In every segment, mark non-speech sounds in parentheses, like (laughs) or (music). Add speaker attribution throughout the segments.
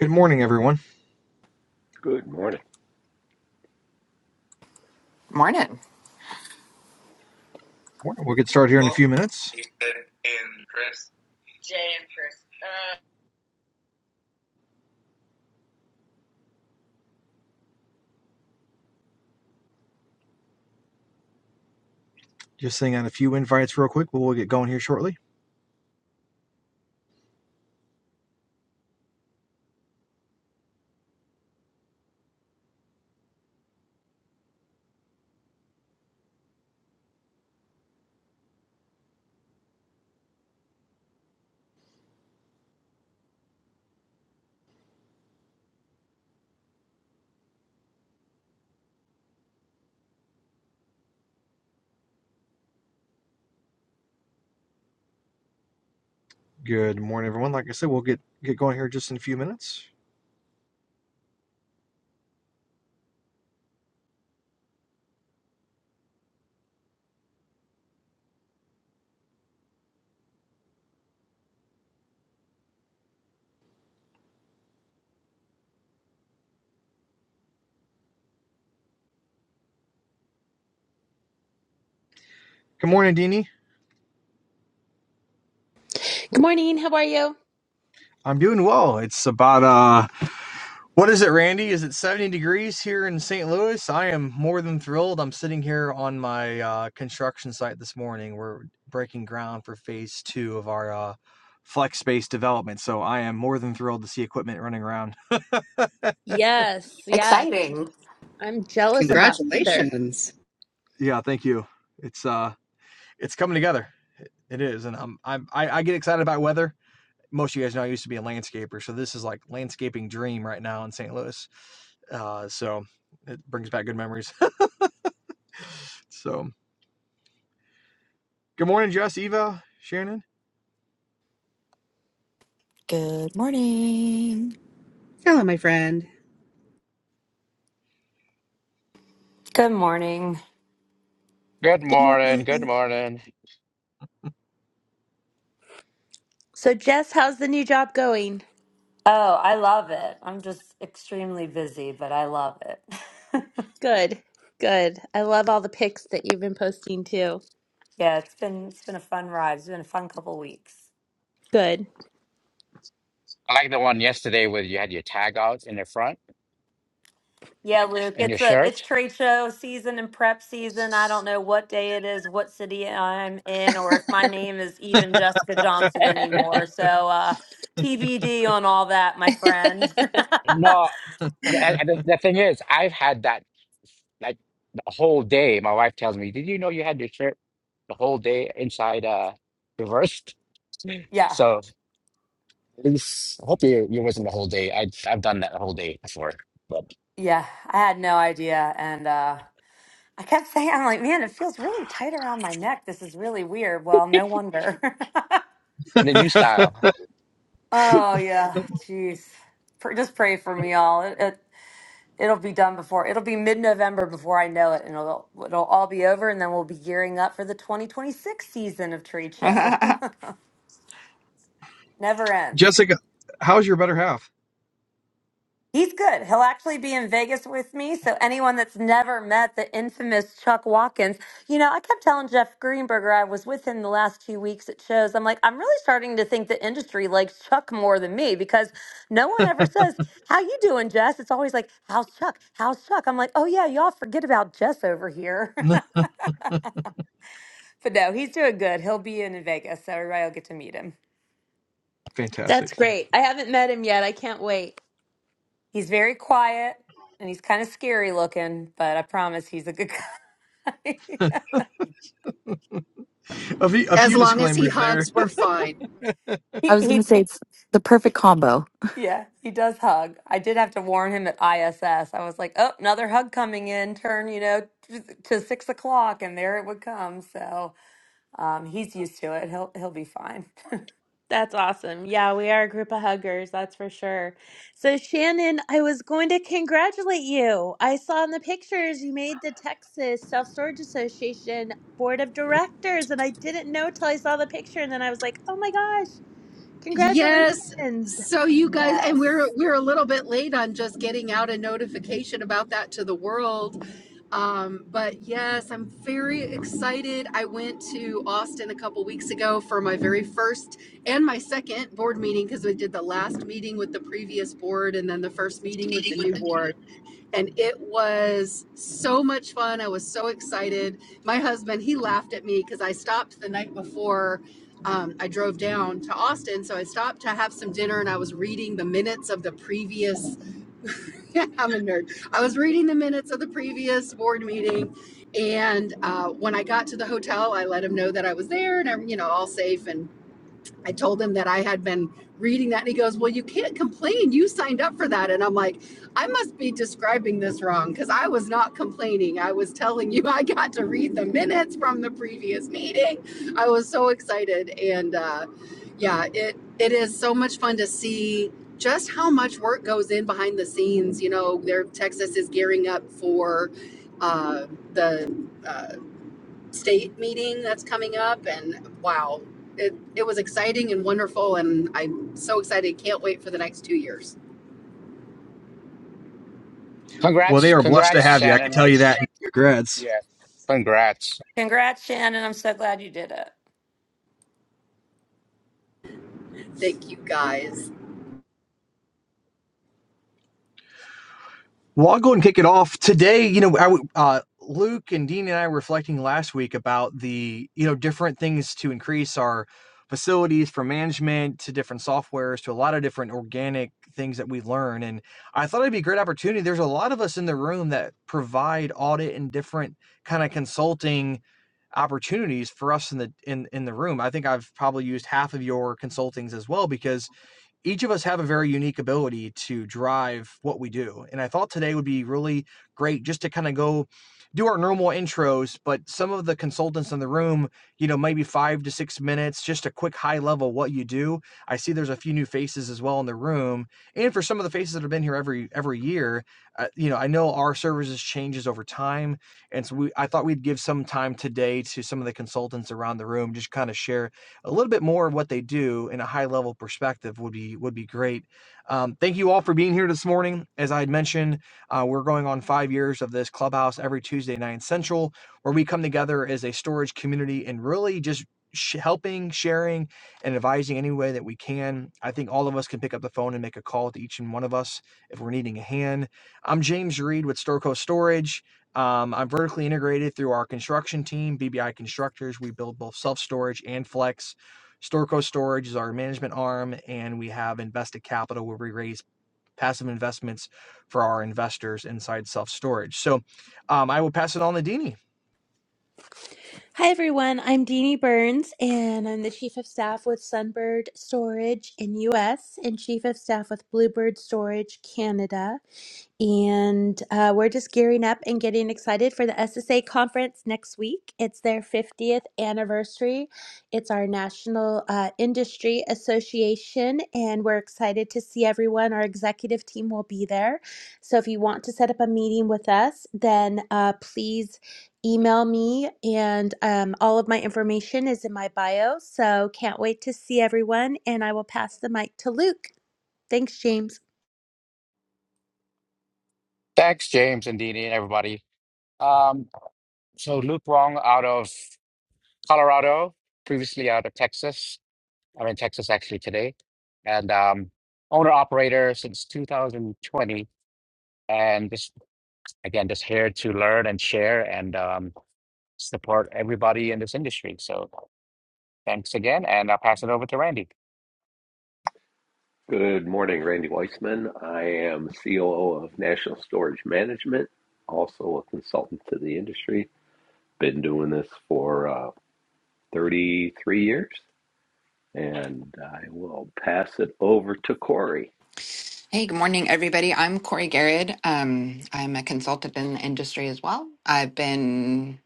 Speaker 1: Good morning, everyone.
Speaker 2: Good morning.
Speaker 3: Morning.
Speaker 1: Morning. We'll get started here in a few minutes.
Speaker 2: Uh,
Speaker 1: Just sending out a few invites real quick, but we'll get going here shortly. Good morning, everyone. Like I said, we'll get get going here just in a few minutes. Good morning, Dini.
Speaker 4: Good morning. How are you?
Speaker 1: I'm doing well. It's about uh, what is it, Randy? Is it 70 degrees here in St. Louis? I am more than thrilled. I'm sitting here on my uh, construction site this morning. We're breaking ground for phase two of our uh, flex space development, so I am more than thrilled to see equipment running around.
Speaker 4: Yes, yes.
Speaker 3: Exciting.
Speaker 4: I'm jealous
Speaker 1: It,
Speaker 4: of that weather.
Speaker 5: Congratulations.
Speaker 1: yeah, thank you. It's uh, it's coming together. It is, and I'm, I'm I, I get excited about weather. Most of you guys know I used to be a landscaper, so this is like landscaping dream right now in St. Louis. Uh, so it brings back good memories. (laughs) so good morning, Jess, Eva, Shannon,
Speaker 6: Good morning.
Speaker 5: Hello, my friend.
Speaker 7: Good morning.
Speaker 8: Good
Speaker 4: Good
Speaker 8: morning. Good
Speaker 4: morning.
Speaker 8: morning.
Speaker 4: So, Jess, how's the new job going?
Speaker 7: Oh, I love it. I'm just extremely busy, but I love it. (laughs)
Speaker 4: Good. Good. I love all the pics that you've been posting too.
Speaker 7: yeah, it's been it's been a fun ride. It's been a fun couple weeks.
Speaker 4: Good.
Speaker 8: I like the one yesterday where you had your tag out in the front
Speaker 7: Yeah, Luke,
Speaker 8: and your
Speaker 7: it's a it's
Speaker 8: shirt.
Speaker 7: trade show season and prep season. I don't know what day it is, what city I'm in, or if my name is even Jessica
Speaker 4: (laughs)
Speaker 7: Johnson anymore. So uh TBD on all that, my friend.
Speaker 8: No, the, and and the, the thing is, I've had that like the whole day. My wife tells me, "Did you know you had your shirt the whole day inside uh reversed?"
Speaker 7: (laughs) yeah,
Speaker 8: So at least I hope you you wasn't the whole day. I I've done that the whole day before, but
Speaker 7: yeah. I had no idea. And uh I kept saying, I'm like, man, it feels really tight around my neck. This is really weird. Well, no wonder.
Speaker 8: the
Speaker 1: (laughs)
Speaker 8: new style.
Speaker 7: (laughs) oh yeah, jeez. Pr- Just pray for me all. It, it it'll be done before. It'll be mid-November before I know it, and it'll it'll all be over, and then we'll be gearing up for the 2026 season of trade
Speaker 3: (laughs)
Speaker 7: show.
Speaker 3: hey,
Speaker 7: (laughs) Never ends.
Speaker 1: Jessica. How's your better half?
Speaker 7: He's good. He'll actually be in Vegas with me. So anyone that's never met the infamous Chuck Watkins, you know, I kept telling Jeff Greenberger I was with him the last two weeks at shows. I'm like, I'm really starting to think the industry likes Chuck more than me because no one ever says, "How you doing, Jess?" It's always like, "How's Chuck? How's Chuck?" I'm like, "Oh yeah, y'all forget about Jess over here."
Speaker 1: (laughs)
Speaker 7: (laughs) but no, he's doing good. He'll be in Vegas, so everybody will get to meet him.
Speaker 4: That's
Speaker 1: Fantastic.
Speaker 4: great. I haven't met him yet. I can't wait.
Speaker 7: He's very quiet and he's kind of scary looking, but I promise he's a good guy. (laughs)
Speaker 1: A few, a
Speaker 5: As
Speaker 1: few
Speaker 5: long as he
Speaker 1: disclaimers there.
Speaker 5: hugs, we're fine.
Speaker 6: I
Speaker 7: he,
Speaker 6: was going to say
Speaker 7: he
Speaker 6: it's the perfect combo.
Speaker 7: Yeah, he does hug. I did have to warn him at ISS. I was like, oh, another hug coming in, turn, you know, t- to six o'clock, and there it would come. So um, he's used to it. He'll he'll be fine. (laughs)
Speaker 4: That's awesome. Yeah, we are a group of huggers, that's for sure. So, Shannon, I was going to congratulate you. I saw in the pictures you made the Texas Self Storage Association Board of Directors, and I didn't know till I saw the picture, and then I was like, oh my gosh,
Speaker 5: Yes.
Speaker 4: congratulations.
Speaker 5: So you guys and we're
Speaker 7: Yes.
Speaker 5: we're a little bit late on just getting out a notification about that to the world. Um, but yes, I'm very excited. I went to Austin a couple weeks ago for my very first and my second board meeting because we did the last meeting with the previous board and then the first meeting with the new board. and it was so much fun. I was so excited. My husband, he laughed at me because I stopped the night before um, I drove down to Austin. So I stopped to have some dinner and I was reading the minutes of the previous, (laughs) I'm a nerd. I was reading the minutes of the previous board meeting. And uh, when I got to the hotel, I let him know that I was there and I'm, you know, all safe. And I told him that I had been reading that, and he goes, Well, you can't complain. You signed up for that. And I'm like, I must be describing this wrong because I was not complaining. I was telling you I got to read the minutes from the previous meeting. I was so excited. And uh, yeah, it it is so much fun to see just how much work goes in behind the scenes. You know, there Texas is gearing up for uh, the uh, state meeting that's coming up and wow it, it was exciting and wonderful and i'm so excited can't wait for the next two years
Speaker 1: Well, they
Speaker 8: Congrats,
Speaker 1: are blessed to
Speaker 8: congrats,
Speaker 1: have you. I can
Speaker 8: Shannon.
Speaker 1: tell you that. Congrats.
Speaker 8: Yeah, congrats.
Speaker 7: Congrats, Shannon. I'm so glad you did it.
Speaker 5: thank you guys
Speaker 1: Well, I'll go and kick it off today. You know, I, w- uh, Luke and Dean and I were reflecting last week about the you know different things to increase our facilities from management to different softwares to a lot of different organic things that we learn. And I thought it'd be a great opportunity. There's a lot of us in the room that provide audit and different kind of consulting opportunities for us in the in in the room. I think I've probably used half of your consultings as well because each of us have a very unique ability to drive what we do. And I thought today would be really great just to kind of go do our normal intros, but some of the consultants in the room, you know, maybe five to six minutes, just a quick high level what you do. I see there's a few new faces as well in the room. And for some of the faces that have been here every every year, uh, you know, I know our services changes over time. And so we I thought we'd give some time today to some of the consultants around the room, just kind of share a little bit more of what they do in a high level perspective would be would be great. Um, thank you all for being here this morning. As I had mentioned, uh, we're going on five years of this clubhouse every Tuesday night central, where we come together as a storage community and really just sh- helping, sharing, and advising any way that we can. I think all of us can pick up the phone and make a call to each and one of us if we're needing a hand. I'm James Reed with Storco Storage. Um, I'm vertically integrated through our construction team, BBI Constructors. We build both self storage and flex. Storco Storage is our management arm, and we have invested capital where we raise passive investments for our investors inside self storage. So um, I will pass it on to Dini.
Speaker 4: Hi, everyone. I'm Deanie Burns, and I'm the Chief of Staff with Sunbird Storage in US and Chief of Staff with Bluebird Storage Canada. And uh, we're just gearing up and getting excited for the SSA conference next week. It's their 50th anniversary. It's our National uh, Industry Association, and we're excited to see everyone. Our executive team will be there. So if you want to set up a meeting with us, then uh, please email me, and um, all of my information is in my bio. So can't wait to see everyone, and I will pass the mic to Luke. Thanks, James.
Speaker 8: Thanks, James and Dini and everybody. Um, so Luke Wong out of Colorado, previously out of Texas. I'm in Texas actually today, and um, owner operator since 2020. And just again, just here to learn and share and um, support everybody in this industry. So thanks again, and I'll pass it over to Randy.
Speaker 2: Good morning, Randy Weissman. I am COO of National Storage Management, also a consultant to the industry. Been doing this for uh, 33 years, and I will pass it over to Corey.
Speaker 3: good morning, everybody. I'm Corey Garrett. Um, I'm a consultant in the industry as well. I've been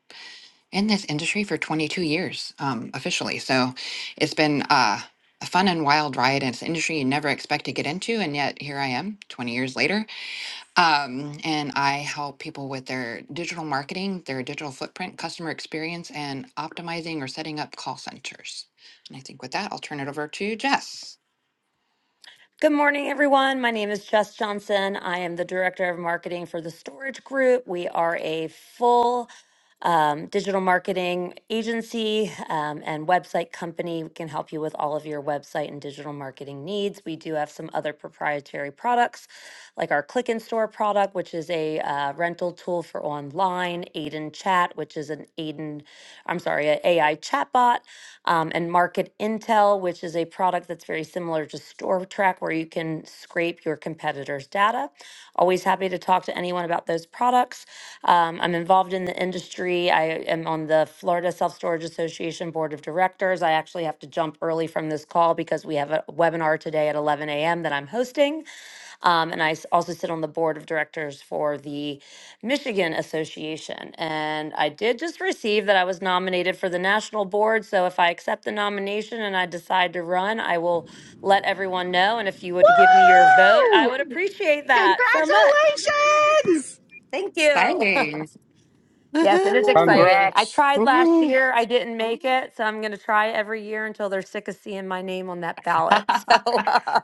Speaker 3: in this industry for 22 years um, officially. So it's been uh, a fun and wild ride. It's an industry you never expect to get into. And yet here I am 20 years later. Um, and I help people with their digital marketing, their digital footprint, customer experience, and optimizing or setting up call centers. And I think with that, I'll turn it over to Jess.
Speaker 7: Good morning, everyone. My name is Jess Johnson. I am the Director of Marketing for the Storage Group. We are a full um, digital marketing agency um, and website company. We can help you with all of your website and digital marketing needs. We do have some other proprietary products, like our Click and Store product, which is a uh, rental tool for online, Aiden Chat, which is an Aiden, I'm sorry, an AI chatbot, um, and Market with Intel, which is a product that's very similar to StoreTrack, where you can scrape your competitors' data. Always happy to talk to anyone about those products. Um, I'm involved in the industry. I am on the Florida Self Storage Association Board of Directors. I actually have to jump early from this call because we have a webinar today at 11 a.m. that I'm hosting. Um, and I s- also sit on the board of directors for the Michigan Association. And I did just receive that I was nominated for the national board. So if I accept the nomination and I decide to run, I will let everyone know. And if you would give me your vote, I
Speaker 5: Woo!
Speaker 7: would appreciate
Speaker 5: congratulations
Speaker 7: that so much. Thank you. (laughs)
Speaker 3: Exciting.
Speaker 7: yes, it is
Speaker 6: Woohoo.
Speaker 7: exciting. I
Speaker 8: Congrats!
Speaker 7: tried last
Speaker 8: Woohoo!
Speaker 7: year, I didn't make it. So I'm going to try every year until they're sick of seeing my name on that ballot. (laughs)
Speaker 3: (laughs)
Speaker 7: So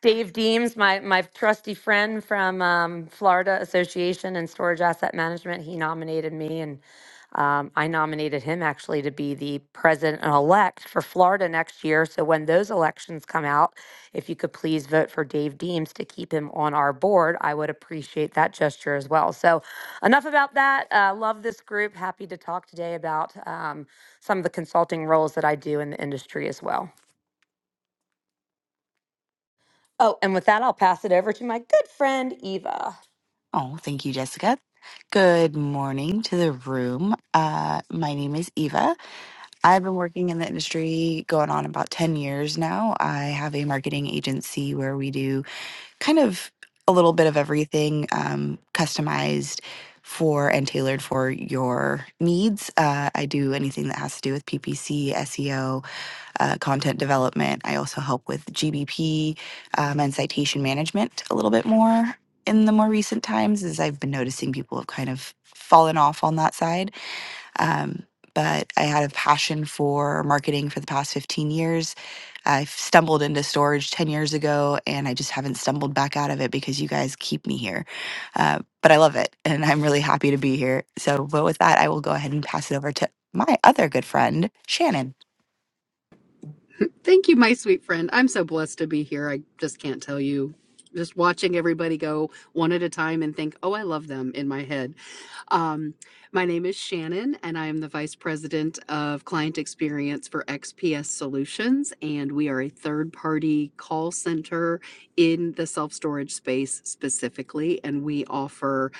Speaker 7: Dave Deems, my, my trusty friend from um, Florida Association and Storage Asset Management, he nominated me and um, I nominated him actually to be the president-elect for Florida next year. So when those elections come out, if you could please vote for Dave Deems to keep him on our board, I would appreciate that gesture as well. So enough about that. Uh, love this group. Happy to talk today about um, some of the consulting roles that I do in the industry as well. Oh, and with that, I'll pass it over to my good friend, Eva.
Speaker 6: Oh, thank you, Jessica. Good morning to the room. Uh, my name is Eva. I've been working in the industry going on about 10 years now. I have a marketing agency where we do kind of a little bit of everything um, customized for and tailored for your needs. Uh, I do anything that has to do with PPC, SEO, uh, content development. I also help with GBP um, and citation management a little bit more in the more recent times, as I've been noticing people have kind of fallen off on that side. Um, but I had a passion for marketing for the past 15 years. I stumbled into storage 10 years ago and I just haven't stumbled back out of it because you guys keep me here. Uh, but I love it and I'm really happy to be here. So, but with that, I will go ahead and pass it over to my other good friend, Shannon.
Speaker 5: Thank you, my sweet friend. I'm so blessed to be here. I just can't tell you. Just watching everybody go one at a time and think, oh, I love them in my head. Um, my name is Shannon, and I am the Vice President of Client Experience for XPS Solutions. And we are a third party call center in the self storage space specifically. And we offer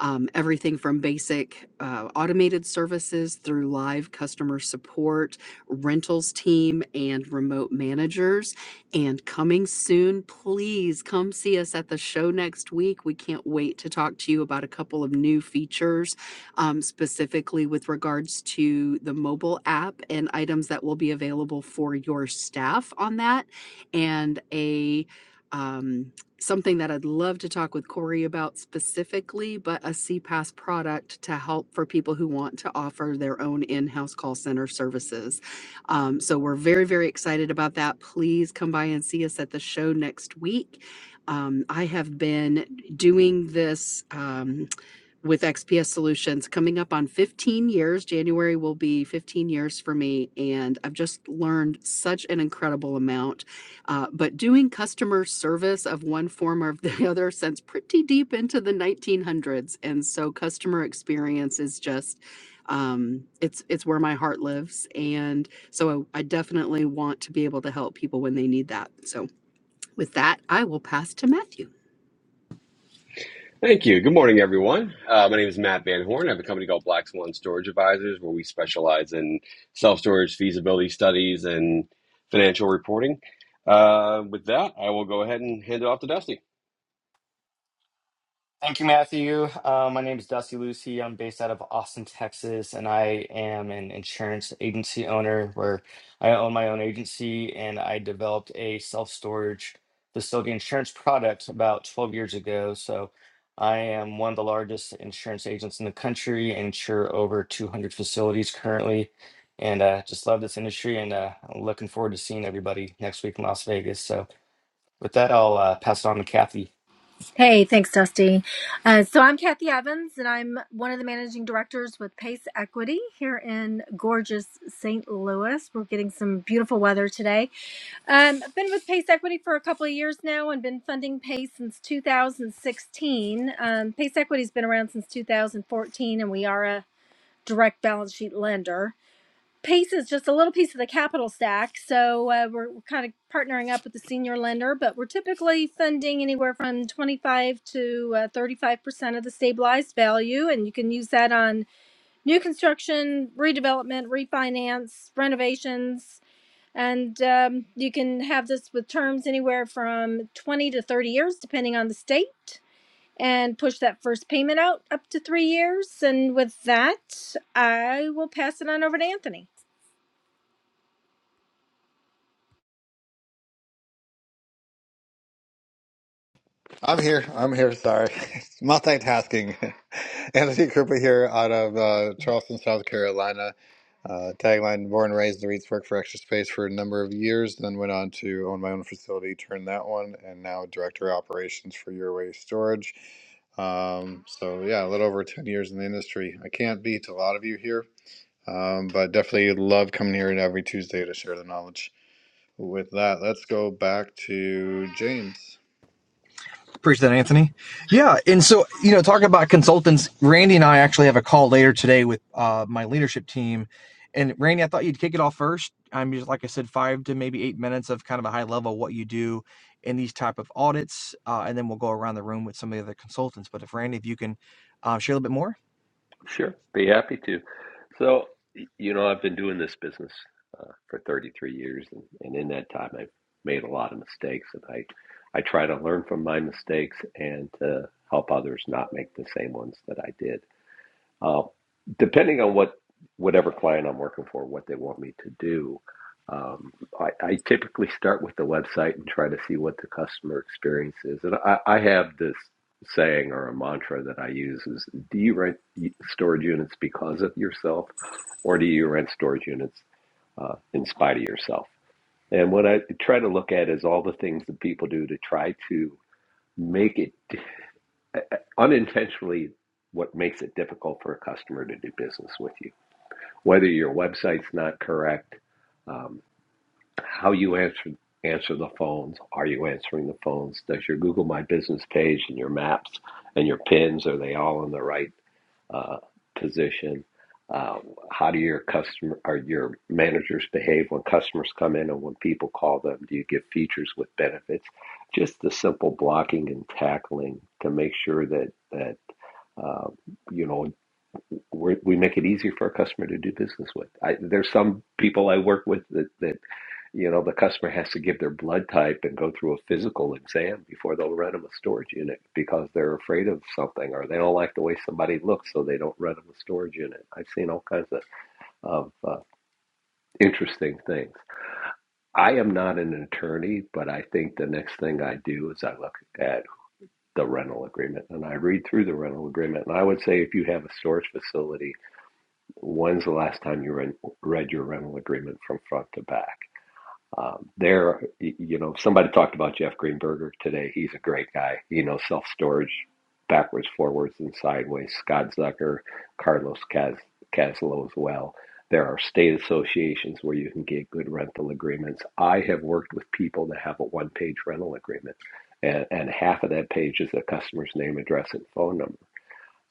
Speaker 5: um, everything from basic uh, automated services through live customer support rentals team and remote managers. And coming soon, please come see us at the show next week. We can't wait to talk to you about a couple of new features, um, specifically with regards to the mobile app and items that will be available for your staff on that, and a um, something that I'd love to talk with Corey about specifically, but a CPAS product to help for people who want to offer their own in house call center services. Um, so we're very, very excited about that. Please come by and see us at the show next week. Um, I have been doing this. um, with XPS Solutions coming up on 15 years. January will be 15 years for me, and I've just learned such an incredible amount. Uh, but doing customer service of one form or the (laughs) other since pretty deep into the 1900s, and so customer experience is just um it's it's where my heart lives and so I, I definitely want to be able to help people when they need that so with that, I will pass to Matthew.
Speaker 9: Thank you. Good morning, everyone. Uh, my name is Matt Van Horn. I have a company called Black Swan Storage Advisors, where we specialize in self storage feasibility studies and financial reporting. Uh, with that, I will go ahead and hand it off to Dusty.
Speaker 10: Thank you, Matthew. Uh, my name is Dusty Lucy. I'm based out of Austin, Texas, and I am an insurance agency owner where I own my own agency and I developed a self storage facility insurance product about 12 years ago. So I am one of the largest insurance agents in the country and insure over 200 facilities currently. And uh, just love this industry and uh, looking forward to seeing everybody next week in Las Vegas. So with that, I'll uh, pass it on to Kathy.
Speaker 11: Hey, thanks, Dusty. Uh, so I'm Kathy Evans, and I'm one of the managing directors with Pace Equity here in gorgeous St. Louis. We're getting some beautiful weather today. Um, I've been with Pace Equity for a couple of years now and been funding Pace since 2016. Um, Pace Equity's been around since 2014, and we are a direct balance sheet lender. PACE is just a little piece of the capital stack. So uh, we're, we're kind of partnering up with the senior lender, but we're typically funding anywhere from 25 to uh, 35% of the stabilized value. And you can use that on new construction, redevelopment, refinance, renovations. And um, you can have this with terms anywhere from 20 to 30 years, depending on the state. And push that first payment out up to three years. And with that, I will pass it on over to Anthony.
Speaker 12: I'm here. I'm here. Sorry. (laughs) Multitasking. (laughs) Anthony Krupa here out of uh, Charleston, South Carolina. Uh, tagline Born, and raised, in the Reeds, worked for Extra Space for a number of years, then went on to own my own facility, turned that one, and now Director of Operations for Your Waste Storage. Um, so, yeah, a little over 10 years in the industry. I can't beat a lot of you here, um, but definitely love coming here every Tuesday to share the knowledge. With that, let's go back to James.
Speaker 1: Appreciate that, Anthony. Yeah, and so you know, talking about consultants, Randy and I actually have a call later today with uh, my leadership team. And Randy, I thought you'd kick it off first. I'm just like I said, five to maybe eight minutes of kind of a high level of what you do in these type of audits, uh, and then we'll go around the room with some of the other consultants. But if Randy, if you can uh, share a little bit more.
Speaker 2: Sure, be happy to. So, y- you know, I've been doing this business uh, for 33 years, and, and in that time, I've made a lot of mistakes, and I, I try to learn from my mistakes and to help others not make the same ones that I did. Uh, depending on what whatever client I'm working for, what they want me to do, um, I, I typically start with the website and try to see what the customer experience is. And I, I have this saying or a mantra that I use is: Do you rent storage units because of yourself, or do you rent storage units uh, in spite of yourself? And what I try to look at is all the things that people do to try to make it (laughs) unintentionally what makes it difficult for a customer to do business with you. Whether your website's not correct, um, how you answer answer the phones, are you answering the phones? Does your Google My Business page and your maps and your pins are they all in the right? uh, position. Uh, how do your customer or your managers behave when customers come in and when people call them? Do you give features with benefits? Just the simple blocking and tackling to make sure that that uh, you know we're, we make it easier for a customer to do business with. I, there's some people I work with that, that you know, the customer has to give their blood type and go through a physical exam before they'll rent them a storage unit because they're afraid of something or they don't like the way somebody looks, so they don't rent them a storage unit. I've seen all kinds of, of uh, interesting things. I am not an attorney, but I think the next thing I do is I look at the rental agreement and I read through the rental agreement. And I would say if you have a storage facility, when's the last time you read your rental agreement from front to back? Um, there, you know, somebody talked about Jeff Greenberger today. He's a great guy. You know, self storage, backwards, forwards, and sideways. Scott Zucker, Carlos Cas- Caslow as well. There are state associations where you can get good rental agreements. I have worked with people that have a one page rental agreement, and, and half of that page is the customer's name, address, and phone number.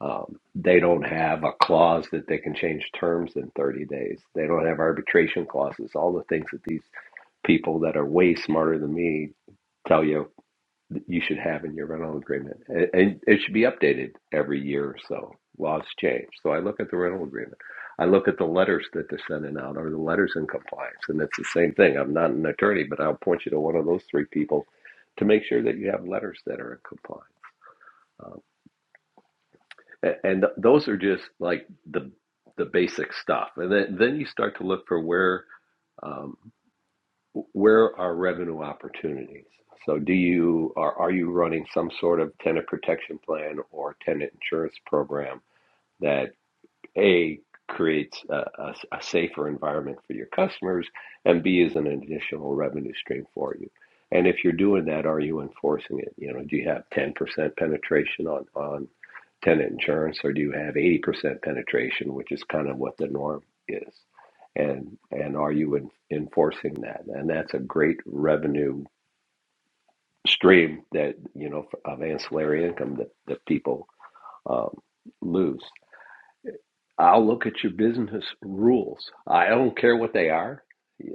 Speaker 2: Um, they don't have a clause that they can change terms in 30 days. They don't have arbitration clauses, all the things that these people that are way smarter than me tell you you should have in your rental agreement. And it should be updated every year or so. Laws change. So I look at the rental agreement. I look at the letters that they're sending out or the letters in compliance. And it's the same thing. I'm not an attorney, but I'll point you to one of those three people to make sure that you have letters that are in compliance. Um, and, and th- those are just like the the basic stuff. And then, then you start to look for where. um, where are revenue opportunities? So do you are are you running some sort of tenant protection plan or tenant insurance program that? A, creates a, a, a safer environment for your customers, and B, is an additional revenue stream for you. And if you're doing that, are you enforcing it? You know, do you have 10% penetration on, on tenant insurance, or do you have 80% penetration, which is kind of what the norm is? And and are you in, enforcing that? And that's a great revenue stream that you know of ancillary income that that people um, lose. I'll look at your business rules. I don't care what they are.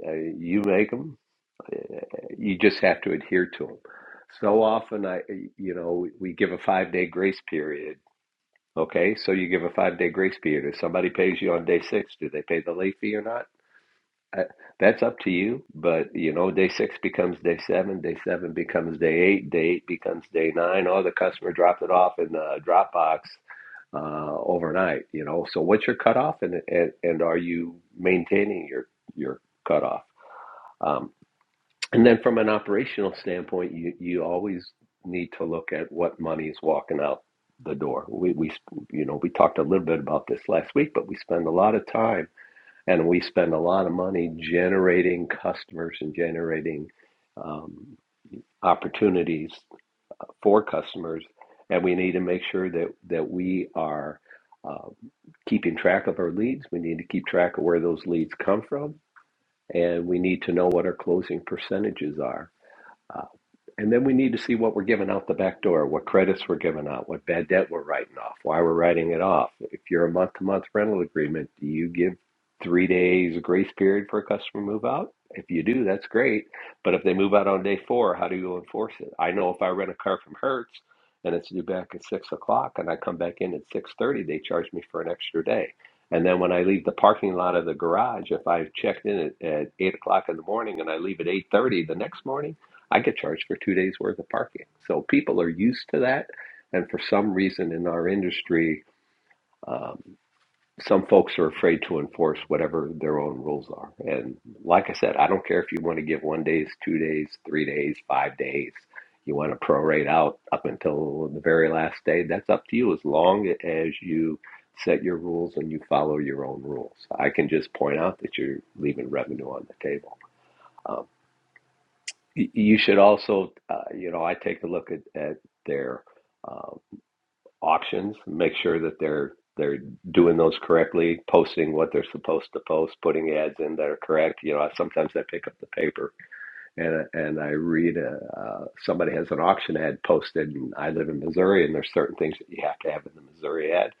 Speaker 2: Uh, You make them. You just have to adhere to them. So often, I, you know, we give a five day grace period. Okay, so you give a five day grace period. If somebody pays you on day six, do they pay the late fee or not? Uh, That's up to you. But you know, day six becomes day seven. Day seven becomes day eight. Day eight becomes day nine. Oh, the customer dropped it off in the Dropbox uh, overnight, you know. So what's your cutoff, and and, and are you maintaining your your cutoff? Um, and then from an operational standpoint, you you always need to look at what money is walking out the door. We we you know we talked a little bit about this last week, but we spend a lot of time and we spend a lot of money generating customers and generating um, opportunities for customers, and we need to make sure that that we are uh, keeping track of our leads. We need to keep track of where those leads come from, and we need to know what our closing percentages are. uh, and then we need to see what we're giving out the back door, what credits we're giving out, what bad debt we're writing off, why we're writing it off. If you're a month to month rental agreement, do you give three days grace period for a customer move out? If you do, that's great. But if they move out on day four, how do you enforce it? I know if I rent a car from Hertz and it's due back at six o'clock and I come back in at six thirty, they charge me for an extra day. And then when I leave the parking lot of the garage, if I've checked in at, at eight o'clock in the morning and I leave at eight thirty the next morning, I get charged for two days worth of parking. So people are used to that. And for some reason in our industry, um, some folks are afraid to enforce whatever their own rules are. And like I said, I don't care if you want to give one days, two days, three days, five days. You want to prorate out up until the very last day. That's up to you as long as you set your rules and you follow your own rules. I can just point out that you're leaving revenue on the table. Um, Y- You should also, uh, you know, I take a look at, at their uh, auctions, make sure that they're they're doing those correctly, posting what they're supposed to post, putting ads in that are correct. You know, I, sometimes I pick up the paper and and I read a, uh, somebody has an auction ad posted, and I live in Missouri, and there's certain things that you have to have in the Missouri ad,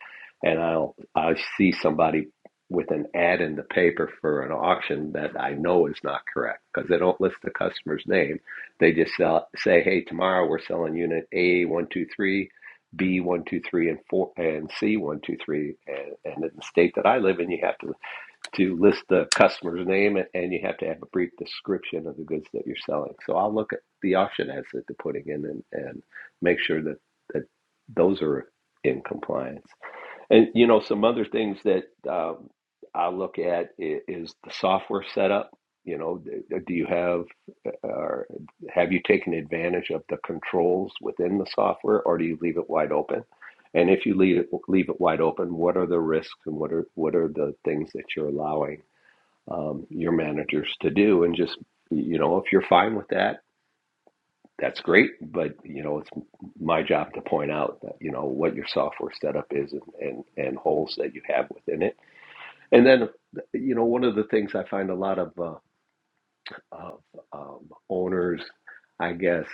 Speaker 2: and I'll I see somebody with an ad in the paper for an auction that I know is not correct because they don't list the customer's name, they just sell, say, hey, tomorrow we're selling unit A one two three. B one two three and four and C one two three and, and in the state that I live in, you have to to list the customer's name and and you have to have a brief description of the goods that you're selling. So I'll look at the auction ads that they're putting in and, and make sure that, that those are in compliance. And, you know, some other things that um, I look at i- is the software setup. You know, d- do you have or have you taken advantage of the controls within the software or do you leave it wide open? And if you leave it, leave it wide open, what are the risks and what are what are the things that you're allowing? um, your managers to do and just you know if you're fine with that that's great but you know it's my job to point out that you know what your software setup is and and, and holes that you have within it and then you know one of the things i find a lot of, uh, of um, owners i guess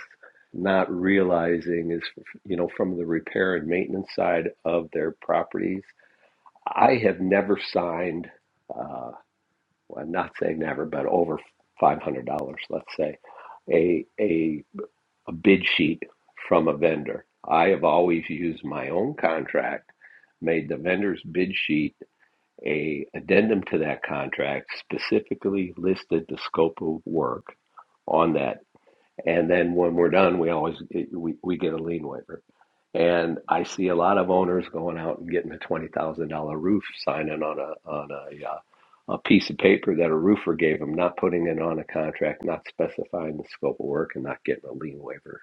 Speaker 2: not realizing is you know from the repair and maintenance side of their properties i have never signed uh, I'm not saying never, but over five hundred dollars, let's say, a, a a bid sheet from a vendor. I have always used my own contract, made the vendor's bid sheet a addendum to that contract, specifically listed the scope of work on that and then when we're done, we always we, we get a lien waiver. And I see a lot of owners going out and getting a twenty thousand dollar roof signing on a on a uh, a piece of paper that a roofer gave them, not putting it on a contract, not specifying the scope of work, and not getting a lien waiver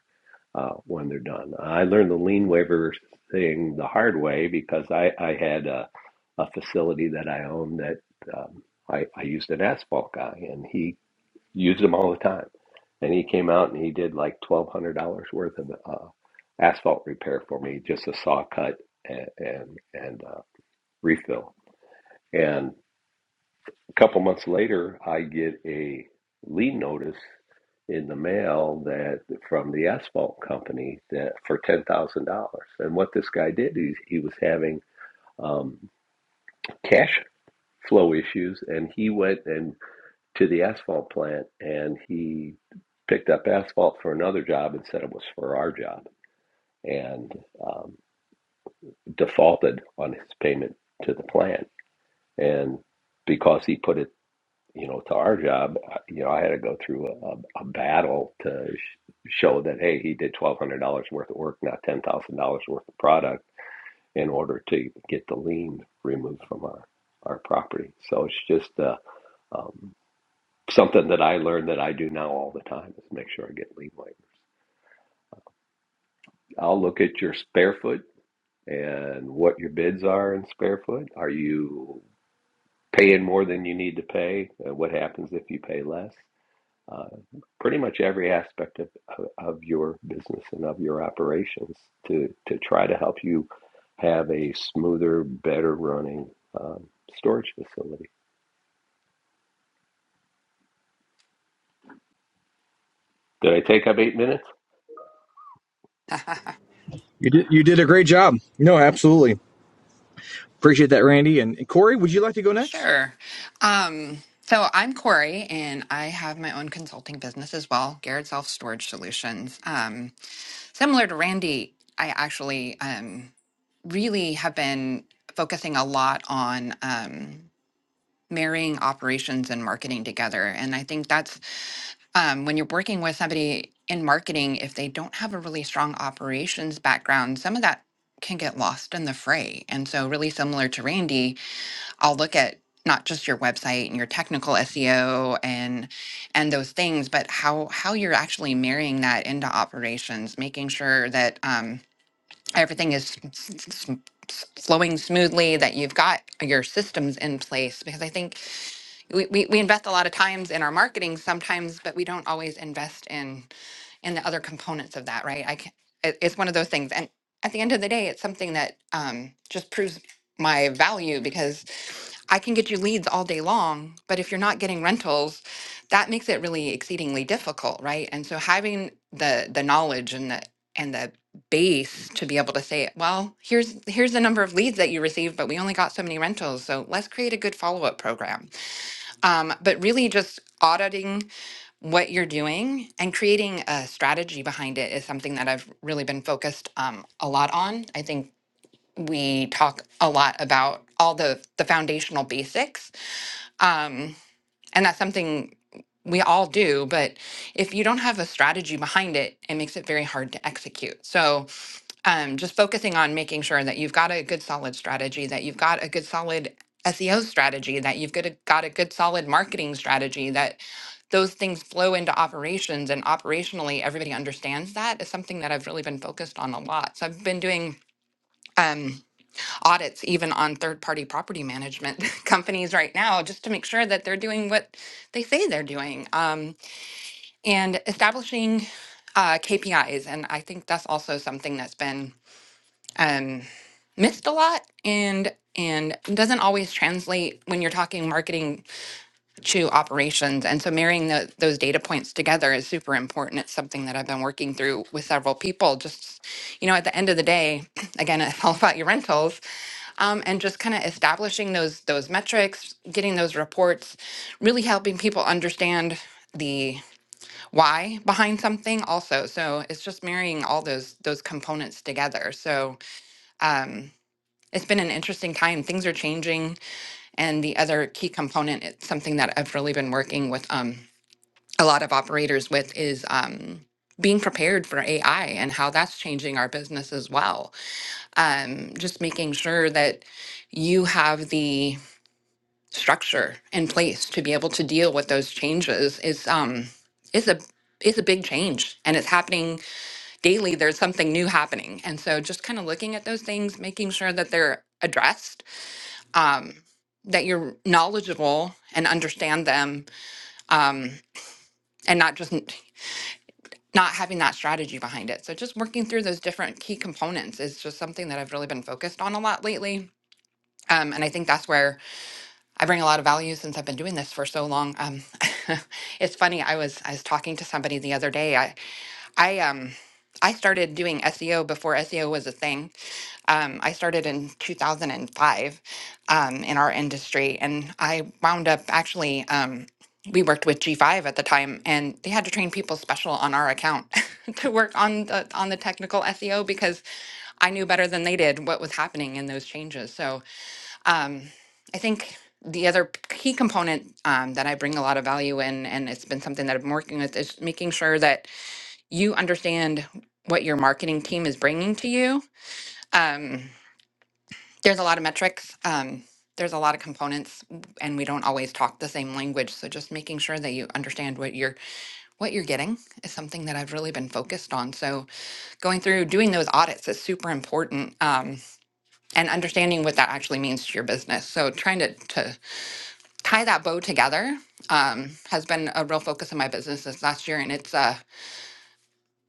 Speaker 2: uh, when they're done. I learned the lien waiver thing the hard way because I I had a, a facility that I owned that um, I I used an asphalt guy, and he used them all the time. And he came out and he did like twelve hundred dollars worth of uh, asphalt repair for me, just a saw cut and and, and uh, refill. And a couple months later, I get a lien notice in the mail that from the asphalt company that for ten thousand dollars. And what this guy did, he he was having um, cash flow issues, and he went and to the asphalt plant and he picked up asphalt for another job and said it was for our job and um, defaulted on his payment to the plant and because he put it you know to our job I- you know i had to go through a, a battle to sh- show that hey he did $1200 worth of work not $10000 worth of product in order to get the lien removed from our our property so it's just uh, um, Something that I learned that I do now all the time is make sure I get lead waivers. I'll look at your spare foot and what your bids are in spare foot. Are you paying more than you need to pay? Uh, What happens if you pay less? Uh, pretty much every aspect of, of of your business and of your operations to, to try to help you have a smoother, better running um, storage facility. Did I take up eight minutes?
Speaker 1: You did you did a great job. No, absolutely. Appreciate that, Randy. And, and Corey, would you like to go next?
Speaker 3: Sure. Um, so I'm Corey, and I have my own consulting business as well, Garrett Self Storage Solutions. Um, similar to Randy, I actually um, really have been focusing a lot on. Um, marrying operations and marketing together. And I think that's um, when you're working with somebody in marketing, if they don't have a really strong operations background, some of that can get lost in the fray. And so, really similar to Randy, I'll look at not just your website and your technical SEO and and those things, but how how you're actually marrying that into operations, making sure that um, everything is s- s- s- s- flowing smoothly, that you've got your systems in place. Because I think we, we, we invest a lot of times in our marketing sometimes but we don't always invest in in the other components of that right i can it, it's one of those things and at the end of the day it's something that um, just proves my value because i can get you leads all day long but if you're not getting rentals that makes it really exceedingly difficult right and so having the the knowledge and the and the base to be able to say well here's here's the number of leads that you received but we only got so many rentals so let's create a good follow-up program um, but really, just auditing what you're doing and creating a strategy behind it is something that I've really been focused um, a lot on. I think we talk a lot about all the the foundational basics, Um, and that's something we all do. But if you don't have a strategy behind it, it makes it very hard to execute. So um, just focusing on making sure that you've got a good solid strategy, that you've got a good solid SEO strategy, that you've got a, got a good solid marketing strategy, that those things flow into operations and operationally everybody understands that is something that I've really been focused on a lot. So I've been doing. Um, audits even on third party property management (laughs) companies right now just to make sure that they're doing what they say they're doing um, and establishing uh, KPIs. And I think that's also something that's been um, missed a lot and and doesn't always translate when you're talking marketing to operations. And so marrying tho- those data points together is super important. It's something that I've been working through with several people. Just, you know, at the end of the day, (clears throat) again, it's all about your rentals. Um, and just kind of establishing those those metrics, getting those reports, really helping people understand the why behind something also. So it's just marrying all those those components together. So um, it's been an interesting time. Things are changing, and the other key component, it's something that I've really been working with. Um, a lot of operators with is um, being prepared for AI and how that's changing our business as well. Um, just making sure that you have the structure in place to be able to deal with those changes is um, is a is a big change and it's happening daily. There's something new happening, and so just kind of looking at those things, making sure that they're addressed. Um, that you're knowledgeable and understand them um, and not just not having that strategy behind it. So just working through those different key components is just something that I've really been focused on a lot lately. Um, and I think that's where I bring a lot of value since I've been doing this for so long. Um, (laughs) it's funny. I was I was talking to somebody the other day. I I um I started doing SEO before SEO was a thing. Um, I started in 2005 um, in our industry, and I wound up actually. Um, we worked with G5 at the time, and they had to train people special on our account (laughs) to work on the on the technical SEO because I knew better than they did what was happening in those changes. So um, I think the other key component um, that I bring a lot of value in, and it's been something that I've been working with, is making sure that you understand what your marketing team is bringing to you. Um, there's a lot of metrics. Um, there's a lot of components, w- and we don't always talk the same language. So just making sure that you understand what you're what you're getting is something that I've really been focused on. So going through doing those audits is super important, um, and understanding what that actually means to your business. So trying to to tie that bow together um, has been a real focus of my business this last year, and it's uh,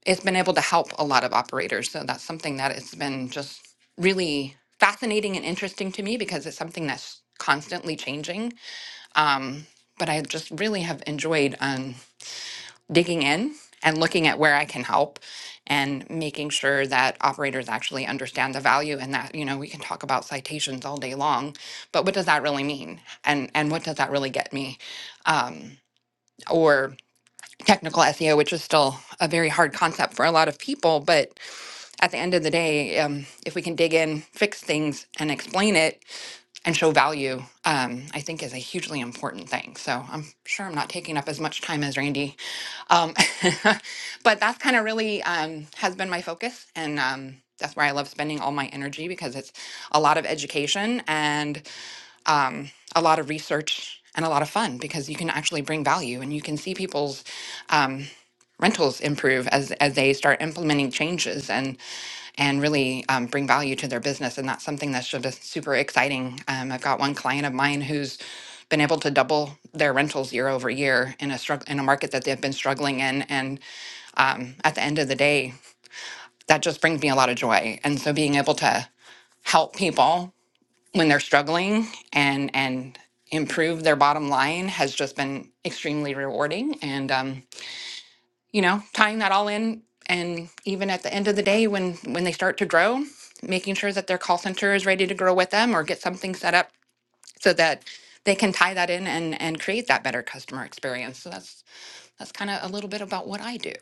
Speaker 3: it's been able to help a lot of operators. So that's something that it's been just really fascinating and interesting to me because it's something that's constantly changing. Um, but I just really have enjoyed um, digging in and looking at where I can help and making sure that operators actually understand the value and that you know we can talk about citations all day long, but what does that really mean? And and what does that really get me? Um, or technical SEO, which is still a very hard concept for a lot of people. But at the end of the day, um, if we can dig in, fix things, and explain it and show value, um, I think is a hugely important thing. So I'm sure I'm not taking up as much time as Randy, um, (laughs) but that's kind of really um, has been my focus, and um, that's where I love spending all my energy because it's a lot of education. And um, a lot of research and a lot of fun because you can actually bring value and you can see people's um, rentals improve as as they start implementing changes and and really um, bring value to their business and that's something that's just super exciting um, i've got one client of mine who's been able to double their rentals year over year in a struggle in a market that they've been struggling in and um, at the end of the day that just brings me a lot of joy and so being able to help people when they're struggling and and improve their bottom line has just been extremely rewarding and um, you know tying that all in and even at the end of the day when when they start to grow making sure that their call center is ready to grow with them or get something set up so that they can tie that in and and create that better customer experience so that's that's kind of a little bit about what i do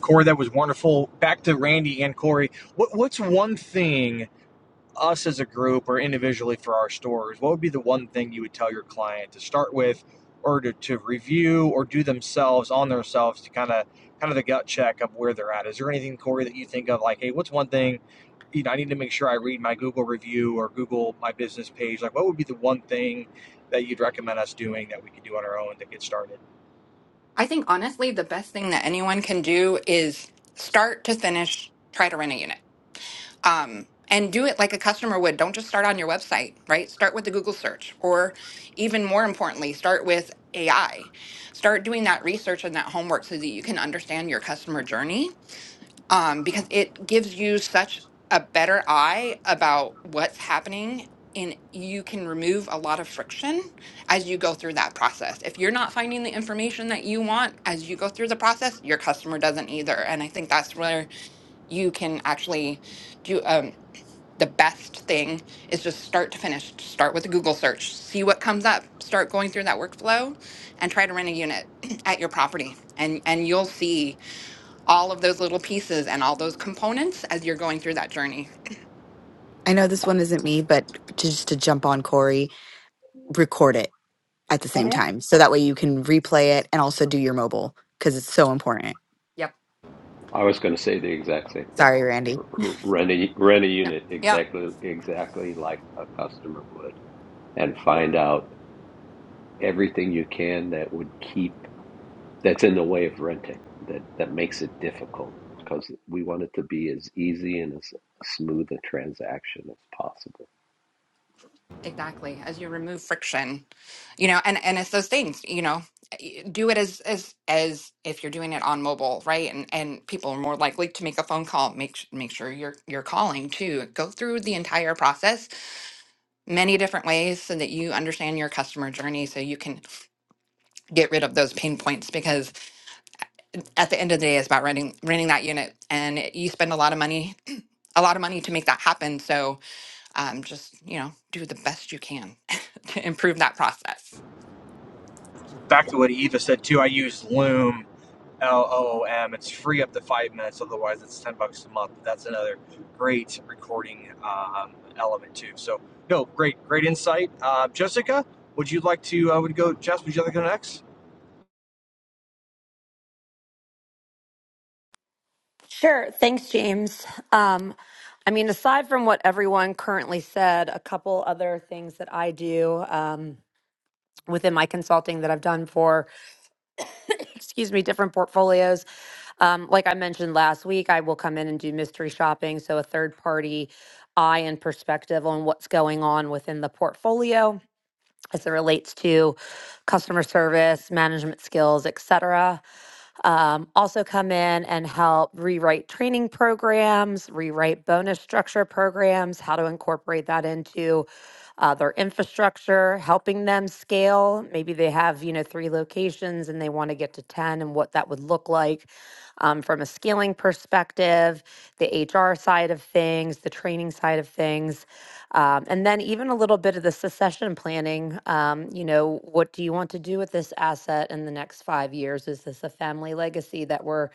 Speaker 1: Corey, that was wonderful. Back to Randy and Corey. What what's one thing us as a group or individually for our stores, what would be the one thing you would tell your client to start with or to, to review or do themselves on themselves to kind of kind of the gut check of where they're at? Is there anything, Corey, that you think of like, hey, what's one thing you know, I need to make sure I read my Google review or Google my business page. Like, what would be the one thing that you'd recommend us doing that we could do on our own to get started?
Speaker 3: i think honestly the best thing that anyone can do is start to finish try to rent a unit um, and do it like a customer would. Don't just start on your website, right? Start with the Google search, or even more importantly, start with AI. Start doing that research and that homework so that you can understand your customer journey um, because it gives you such a better eye about what's happening. And you can remove a lot of friction as you go through that process. If you're not finding the information that you want as you go through the process, your customer doesn't either. And I think that's where you can actually do. um, the best thing is just start to finish start with a google search see what comes up start going through that workflow and try to rent a unit (clears throat) at your property and and you'll see all of those little pieces and all those components as you're going through that journey
Speaker 6: I know this one isn't me, but just to jump on Corey, record it at the same
Speaker 3: hmm
Speaker 6: time. So that way you can replay it and also do your mobile because it's so important.
Speaker 3: yep
Speaker 2: I was going to say the exact same thing.
Speaker 6: Sorry, Randy.
Speaker 2: R- r- Rent a, rent a
Speaker 3: yeah
Speaker 2: unit
Speaker 3: yeah
Speaker 2: exactly exactly like a customer would, and find out everything you can that would keep that's in the way of renting that that makes it difficult because we want it to be as easy and as smooth a transaction as possible.
Speaker 3: exactly as you remove friction you know and and it's those things you know y- do it as as as if you're doing it on mobile right and and people are more likely to make a phone call make s- make sure you're you're calling too go through the entire process many different ways so that you understand your customer journey so you can get rid of those pain points because at the end of the day it's about renting renting that unit and it- you spend a lot of money a lot of money to make that happen so um, just you know do the best you can (laughs) to improve that process
Speaker 1: Back to what Eva said too. I use Loom L O O M. It's free up to five minutes. Otherwise, it's ten bucks a month. That's another great recording um, element too. So, no, great, great insight, uh, Jessica. Would you like to? Uh, would go, Jess? Would you like to go next?
Speaker 7: Sure. Thanks, James. Um, I mean, aside from what everyone currently said, a couple other things that I do um, within my consulting that I've done for, (coughs) excuse me, different portfolios. Um, like I mentioned last week, I will come in and do mystery shopping. So a third party eye and perspective on what's going on within the portfolio as it relates to customer service, management skills, et cetera. Um, also, come in and help rewrite training programs, rewrite bonus structure programs, how to incorporate that into uh, their infrastructure, helping them scale. Maybe they have, you know, three locations and they want to get to 10 and what that would look like um, from a scaling perspective, the HR side of things, the training side of things, um, and then even a little bit of the succession planning. Um, you know, what do you want to do with this asset in the next five years? Is this a family legacy that we're,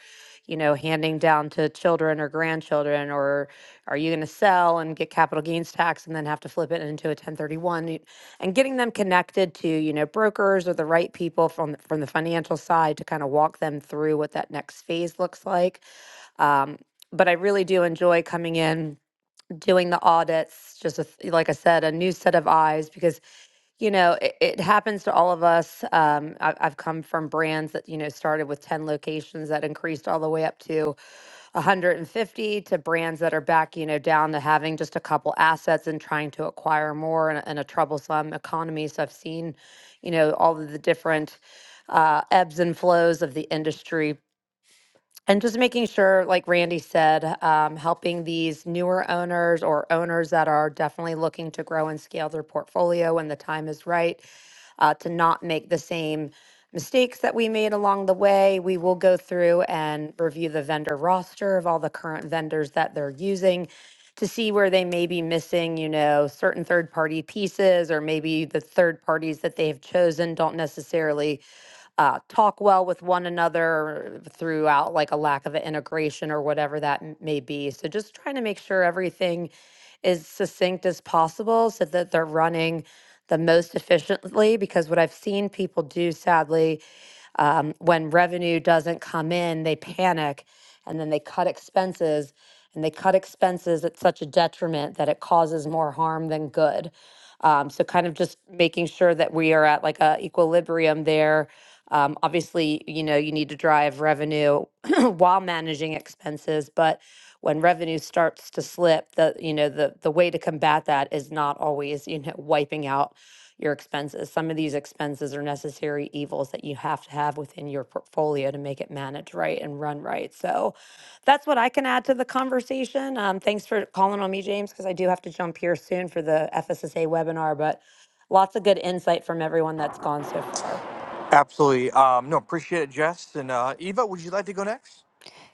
Speaker 7: you you know, handing down to children or grandchildren? Or are you going to sell and get capital gains tax and then have to flip it into a 1031? Y- And getting them connected to, you know, brokers or the right people from, the- from the financial side to kind of walk them through what that next phase looks like. Um, but I really do enjoy coming in doing the audits just a, th- like i said a new set of eyes because you know it, it happens to all of us um I, i've come from brands that you know started with 10 locations that increased all the way up to 150 to brands that are back you know down to having just a couple assets and trying to acquire more in a, in a troublesome economy so i've seen you know all of the different uh, ebbs and flows of the industry and just making sure like randy said um, helping these newer owners or owners that are definitely looking to grow and scale their portfolio when the time is right uh, to not make the same mistakes that we made along the way. We will go through and review the vendor roster of all the current vendors that they're using to see where they may be missing, you know, certain third party pieces, or maybe the third parties that they have chosen don't necessarily uh, talk well with one another throughout like a lack of an integration or whatever that m- may be. So just trying to make sure everything is succinct as possible so that they're running the most efficiently because what I've seen people do sadly um, when revenue doesn't come in, they panic and then they cut expenses and they cut expenses at such a detriment that it causes more harm than good. Um, so kind of just making sure that we are at like a equilibrium there. Um, obviously, you know, you need to drive revenue (clears throat) while managing expenses, but when revenue starts to slip, the you know the the way to combat that is not always you know wiping out your expenses. Some of these expenses are necessary evils that you have to have within your portfolio to make it manage right and run right. So that's what I can add to the conversation. Um, thanks for calling on me, James, because I do have to jump here soon for the FSSA webinar, but lots of good insight from everyone that's gone so far.
Speaker 1: Absolutely. Um, no, appreciate it, Jess. And uh, Eva, would you like to go next?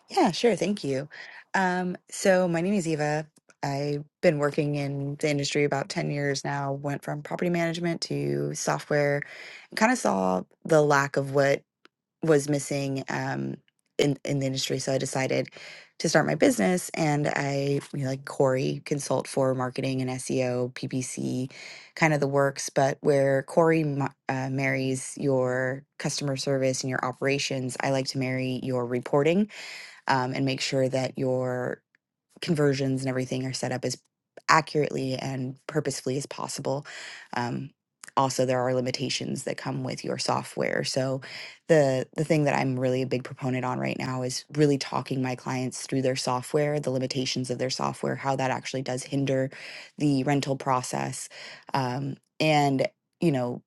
Speaker 6: Yeah, sure. Thank you. Um, so my name is Eva. I've been working in the industry about 10 years now, went from property management to software, and kind of saw the lack of what was missing um, in in the industry. So I decided to start my business, and I you know, like Corey consult for marketing and SEO, PPC, kind of the works. But where Corey ma- uh, marries your customer service and your operations, I like to marry your reporting um, and make sure that your conversions and everything are set up as accurately and purposefully as possible. Um, also, there are limitations that come with your software. So, the the thing that I'm really a big proponent on right now is really talking my clients through their software, the limitations of their software, how that actually does hinder the rental process, um, and you know.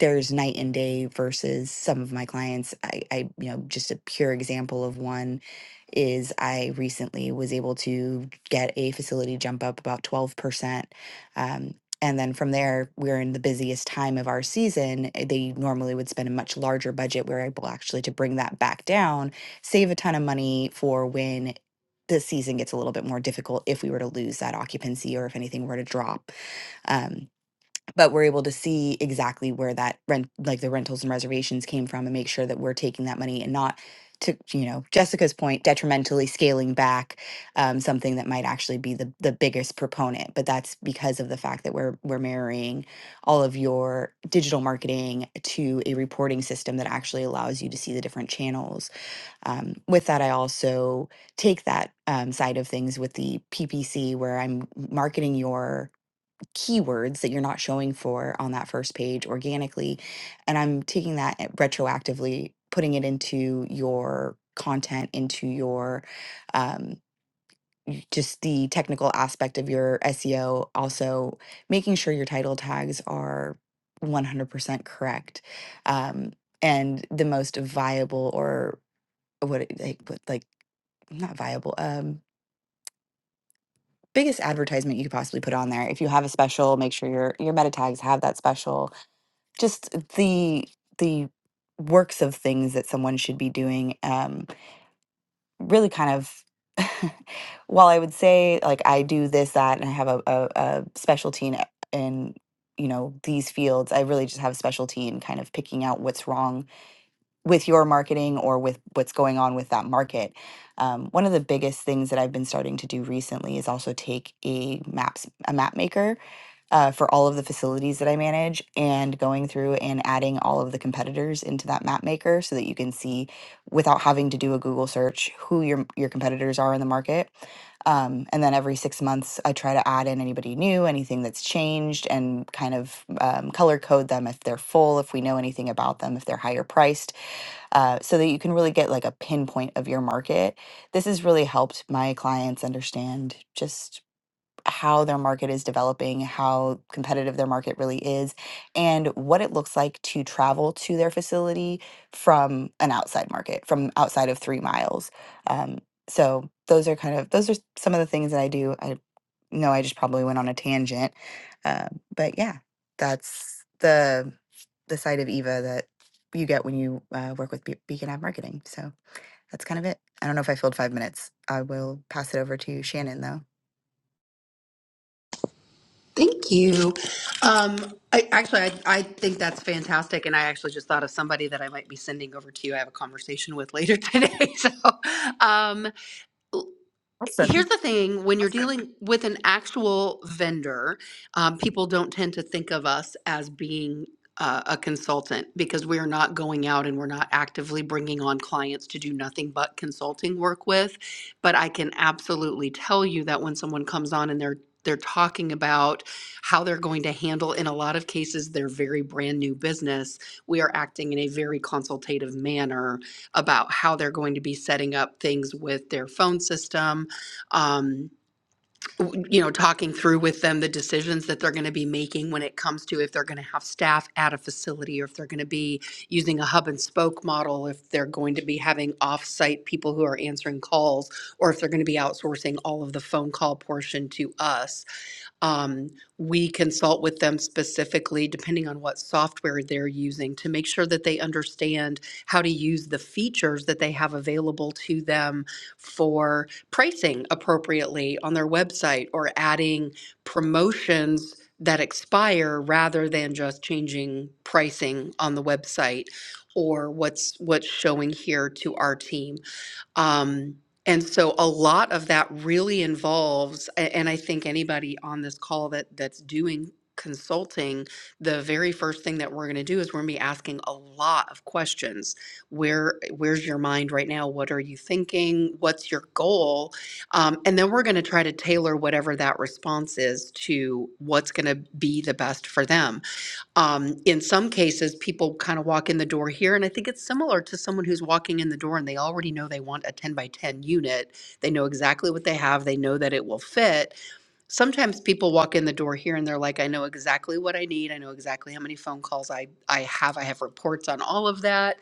Speaker 6: There's night and day versus some of my clients. I, I, you know, just a pure example of one is I recently was able to get a facility jump up about 12%. Um, and then from there, we're in the busiest time of our season. uh, They normally would spend a much larger budget. We're able actually to bring that back down, save a ton of money for when the season gets a little bit more difficult if we were to lose that occupancy or if anything were to drop. Um, but we're able to see exactly where that rent like the rentals and reservations came from and make sure that we're taking that money and not to you know jessica's point detrimentally scaling back um, something that might actually be the, the biggest proponent but that's because of the fact that we're we're marrying all of your digital marketing to a reporting system that actually allows you to see the different channels um, with that i also take that um, side of things with the ppc where i'm marketing your keywords that you're not showing for on that first page organically. And I'm taking that and retroactively, putting it into your content, into your um, just the technical aspect of your SEO, also making sure your title tags are 100% correct um, and the most viable or what it- like what- like not viable um biggest advertisement you could possibly put on there if you have a special make sure your your meta tags have that special just the the works of things that someone should be doing um really kind of (laughs) while i would say like i do this that and i have a, a, a specialty in, in you know these fields i really just have a specialty in kind of picking out what's wrong with your marketing or with what's going on with that market um, one of the biggest things that i've been starting to do recently is also take a maps a map maker uh, for all of the facilities that I manage and going through and adding all of the competitors into that map maker so that you can see without having to do a Google search who your your competitors are in the market. Um, and then every six months, I try to add in anybody new, anything that's changed, and kind of um, color code them if they're full, if we know anything about them, if they're higher priced, uh, so that you can really get like a pinpoint of your market. This has really helped my clients understand just how their market is developing, how competitive their market really is, and what it looks like to travel to their facility from an outside market, from outside of three miles. Um, so those are kind of those are some of the things that I do. I know I just probably went on a tangent, uh, but yeah, that's the the side of Eva that you get when you uh, work with Be- Beacon Ad Marketing. So that's kind of it. I don't know if I filled five minutes. I will pass it over to Shannon though.
Speaker 5: Thank you. Um, I, actually, I, I think that's fantastic, and I actually just thought of somebody that I might be sending over to you. I have a conversation with later (laughs) today. So, um, here's the thing when you're dealing with an actual vendor um, people don't tend to think of us as being uh, a consultant because we're not going out and we're not actively bringing on clients to do nothing but consulting work with but i can absolutely tell you that when someone comes on and they're they're talking about how they're going to handle in a lot of cases their very brand new business we are acting in a very consultative manner about how they're going to be setting up things with their phone system um, w- you know, talking through with them the decisions that they're going to be making when it comes to if they're going to have staff at a facility or if they're going to be using a hub and spoke model, if they're going to be having off-site people who are answering calls, or if they're going to be outsourcing all of the phone call portion to us. Um, we consult with them specifically, depending on what software they're using, to make sure that they understand how to use the features that they have available to them for pricing appropriately on their website or adding promotions that expire rather than just changing pricing on the website or what's what's showing here to our team. Um, and so a lot of that really involves, a- and I think anybody on this call that that's doing consulting, the very first thing that we're going to do is we're going to be asking a lot of questions. Where where's your mind right now? What are you thinking? What's your goal? Um, and then we're going to try to tailor whatever that response is to what's going to be the best for them. Um, in some cases, people kind of walk in the door here, and I think it's similar to someone who's walking in the door and they already know they want a 10 by 10 unit. They know exactly what they have, they know that it will fit. Sometimes people walk in the door here and they're like, I know exactly what I need. I know exactly how many phone calls I, I have. I have reports on all of that.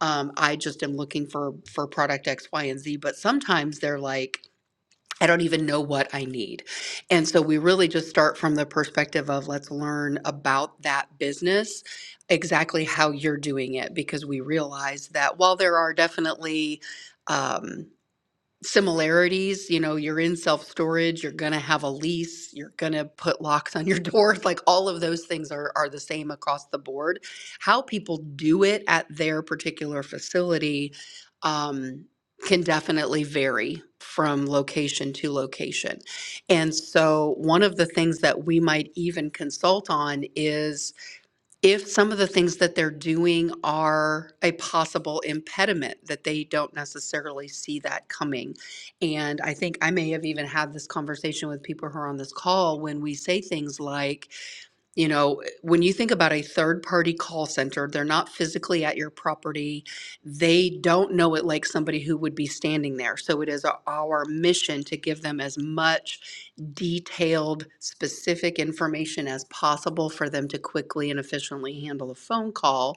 Speaker 5: Um, I just am looking for for product X, Y, and Z. But sometimes they're like, I don't even know what I need. And so we really just start from the perspective of let's learn about that business, exactly how you're doing it, because we realize that while there are definitely, um, similarities you know you're in self storage you're going to have a lease you're going to put locks on your (laughs) doors like all of those things are are the same across the board how people do it at their particular facility um can definitely vary from location to location. And so one of the things that we might even consult on is if some of the things that they're doing are a possible impediment that they don't necessarily see that coming and i think i may have even had this conversation with people who are on this call when we say things like you know, when you think about a third party call center, they're not physically at your property. They don't know it like somebody who would be standing there. So it is our our mission to give them as much detailed, specific information as possible for them to quickly and efficiently handle a phone call.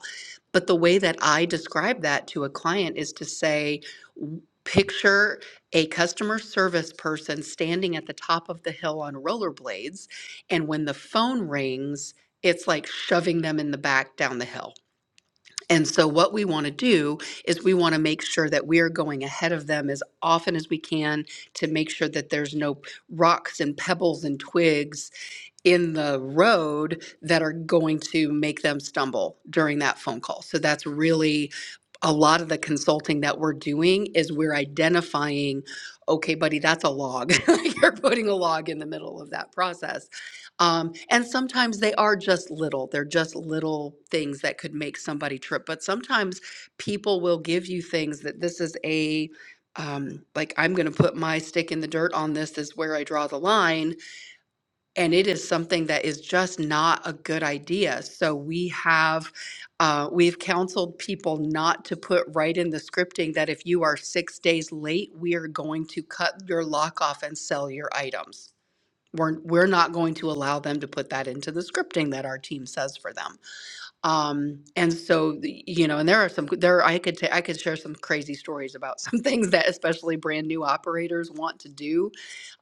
Speaker 5: But the way that I describe that to a client is to say, w- picture a customer service person standing at the top of the hill on rollerblades and when the phone rings, it's like shoving them in the back down the hill. And so, what we want to do is we want to make sure that we are going ahead of them as often as we can to make sure that there's no rocks and pebbles and twigs in the road that are going to make them stumble during that phone call. So that's really a lot of the consulting that we're doing is we're identifying, okay, buddy, that's a log. (laughs) Like, You're putting a log in the middle of that process. Um, and sometimes they are just little, they're just little things that could make somebody trip. But sometimes people will give you things that this is a, um, like, I'm going to put my stick in the dirt on this, this is where I draw the line and it is something that is just not a good idea. So we have uh, we've counseled people not to put right in the scripting that if you are six days late, we are going to cut your lock off and sell your items. We're, we're not going to allow them to put that into the scripting that our team says for them. Um, and so, the- you know, and there are some there I could ta- I could share some crazy stories about some (laughs) things that especially brand new operators want to do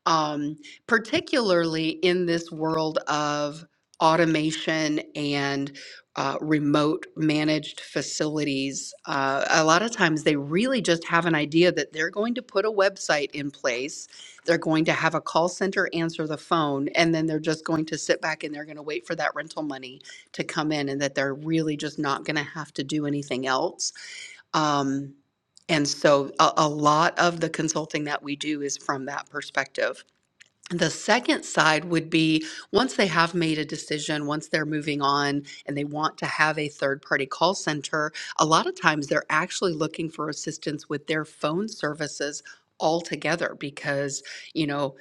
Speaker 5: um, particularly in this world of automation and uh, remote managed facilities. Uh, a lot of times they really just have an idea that they're going to put a website in place, they're going to have a call center answer the phone, and then they're just going to sit back and they're going to wait for that rental money to come in, and that they're really just not going to have to do anything else. Um, and so a, a lot of the consulting that we do is from that perspective the second side would be once they have made a decision, once they're moving on and they want to have a third party call center, a lot of times they're actually looking for assistance with their phone services altogether because, you know,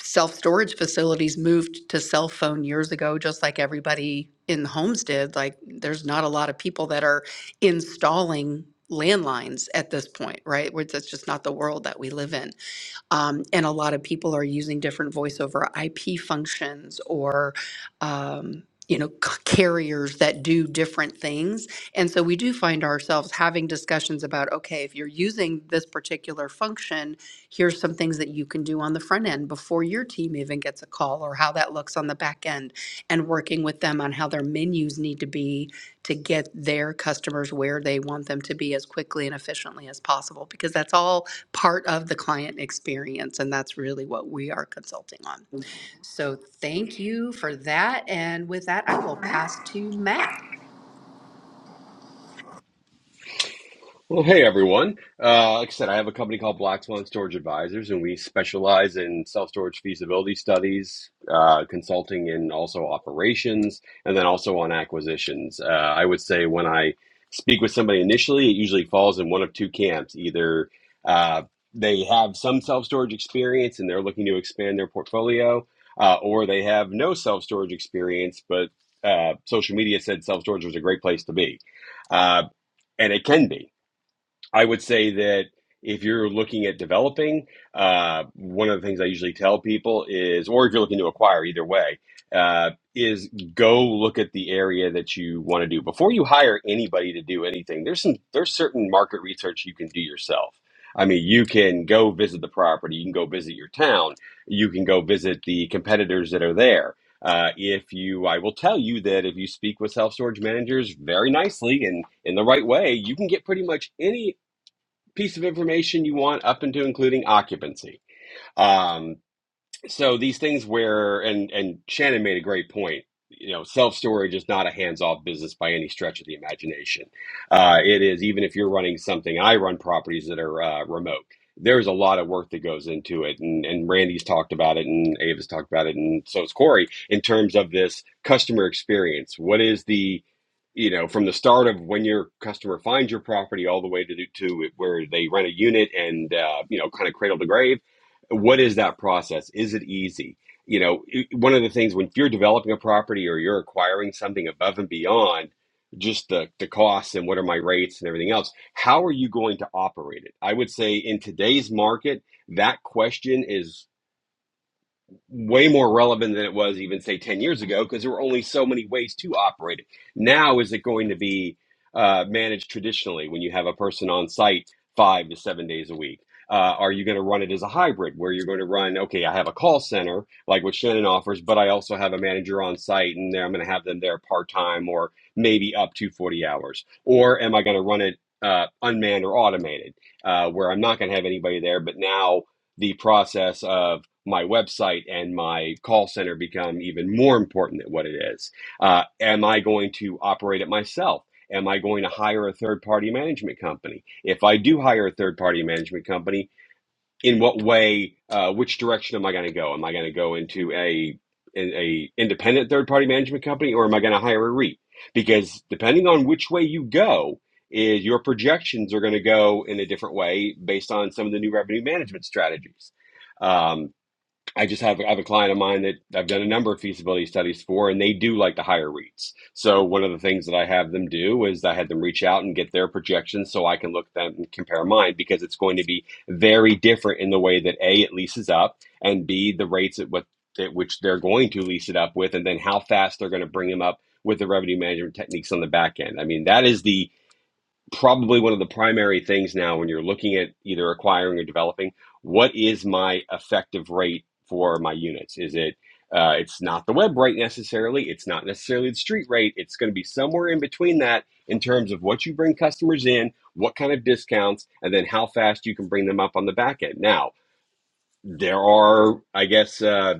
Speaker 5: self storage facilities moved to cell phone years ago, just like everybody in homes did. Like, there's not a lot of people that are installing landlines at this point, right? Where that's just not the world that we live in. Um, and a lot of people are using different voice over IP functions or, um, you know, c- carriers that do different things. And so we do find ourselves having discussions about okay, if you're using this particular function, here's some things that you can do on the front end before your team even gets a call or how that looks on the back end and working with them on how their menus need to be to get their customers where they want them to be as quickly and efficiently as possible because that's all part of the client experience, and that's really what we are consulting on. So thank you for that. And with that, I will pass to Matt.
Speaker 9: Well, hey everyone. Uh, like I said, I have a company called Black Swan Storage Advisors, and we specialize in self storage feasibility studies, uh, consulting, and also operations, and then also on acquisitions. Uh, I would say when I speak with somebody initially, it usually falls in one of two camps. Either uh, they have some self storage experience and they're looking to expand their portfolio, uh, or they have no self storage experience, but uh, social media said self storage was a great place to be. Uh, and it can be. I would say that if you're looking at developing, uh, one of the things I usually tell people is, or if you're looking to acquire, either way, uh, is go look at the area that you want to do before you hire anybody to do anything. There's some there's certain market research you can do yourself. I mean, you can go visit the property, you can go visit your town, you can go visit the competitors that are there. Uh, if you, I will tell you that if you speak with self storage managers very nicely and in the right way, you can get pretty much any piece of information you want up into including occupancy. Um, so these things where and and Shannon made a great point. You know, self storage is not a hands off business by any stretch of the imagination. Uh, it is even if you're running something. I run properties that are uh, remote. There's a lot of work that goes into it, and, and Randy's talked about it, and Ava's talked about it, and so is Corey in terms of this customer experience. What is the you know from the start of when your customer finds your property all the way to to where they rent a unit and uh, you know kind of cradle to grave what is that process is it easy you know it- one of the things when you're developing a property or you're acquiring something above and beyond just the the costs and what are my rates and everything else how are you going to operate it i would say in today's market that question is way more relevant than it was even say 10 years ago because there were only so many ways to operate it now is it going to be uh, managed traditionally when you have a person on site five to seven days a week uh, are you going to run it as a hybrid where you're going to run okay i have a call center like what shannon offers but i also have a manager on site and i'm going to have them there part-time or maybe up to 40 hours or am i going to run it uh, unmanned or automated uh, where i'm not going to have anybody there but now the process of my website and my call center become even more important than what it is? Uh, am I going to operate it myself? Am I going to hire a third party management company? If I do hire a third party management company, in what way, uh, which direction am I going to go? Am I going to go into a, in a independent third party management company or am I going to hire a REIT? Because depending on which way you go, is your projections are going to go in a different way based on some of the new revenue management strategies. Um, I just have I have a client of mine that I've done a number of feasibility studies for, and they do like to hire REITs. So one of the things that I have them do is I had them reach out and get their projections so I can look at them and compare mine because it's going to be very different in the way that A, it leases up, and B, the rates at what at which they're going to lease it up with, and then how fast they're going to bring them up with the revenue management techniques on the back end. I mean, that is the probably one of the primary things now when you're looking at either acquiring or developing what is my effective rate for my units is it uh, it's not the web rate necessarily it's not necessarily the street rate it's going to be somewhere in between that in terms of what you bring customers in what kind of discounts and then how fast you can bring them up on the back end now there are, I guess, uh,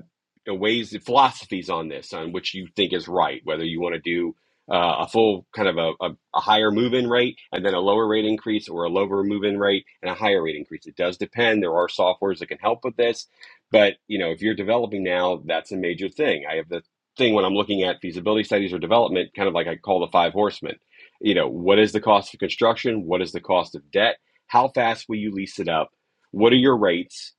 Speaker 9: ways, philosophies on this, on which you think is right, whether you want to do uh, a full kind of a, a, a higher move in rate and then a lower rate increase or a lower move in rate and a higher rate increase. It does depend. There are softwares that can help with this. But, you know, if you're developing now, that's a major thing. I have the thing when I'm looking at feasibility studies or development, kind of like I call the five horsemen. You know, what is the cost of construction? What is the cost of debt? How fast will you lease it up? What are your rates?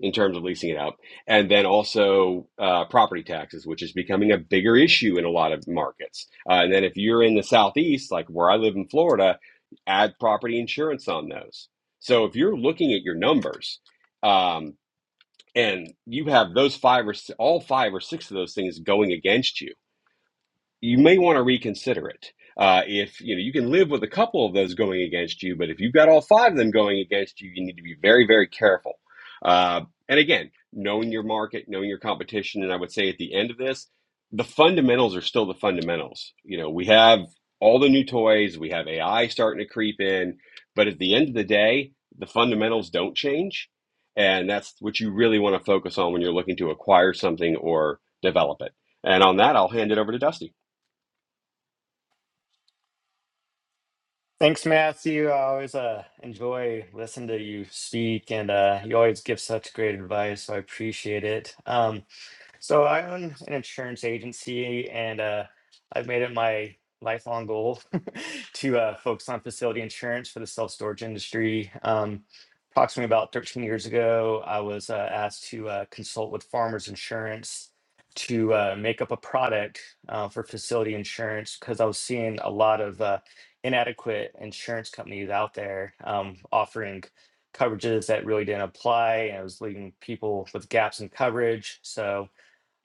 Speaker 9: in terms of leasing it out. And then also uh, property taxes, which is becoming a bigger issue in a lot of markets. Uh, and then if you're in the Southeast, like where I live in Florida, add property insurance on those. So if you're looking at your numbers um, and you have those five or all five or six of those things going against you you may want to reconsider it. Uh, if you know you can live with a couple of those going against you, but if you've got all five of them going against you, you need to be very, very careful. Uh, and again, knowing your market, knowing your competition, and I would say at the end of this, the fundamentals are still the fundamentals. You know, we have all the new toys, we have AI starting to creep in, but at the end of the day, the fundamentals don't change, and that's what you really want to focus on when you're looking to acquire something or develop it. And on that, I'll hand it over to Dusty.
Speaker 10: Thanks, Matthew. I always uh, enjoy listening to you speak, and uh, you always give such great advice, so I appreciate it. Um, So I own an insurance agency, and uh, I've made it my lifelong goal (laughs) to uh, focus on facility insurance for the self storage industry. Um, approximately about 13 years ago, I was uh, asked to uh, consult with Farmers Insurance to uh, make up a product uh, for facility insurance because I was seeing a lot of uh, inadequate insurance companies out there um, offering coverages that really didn't apply, and it was leaving people with gaps in coverage. So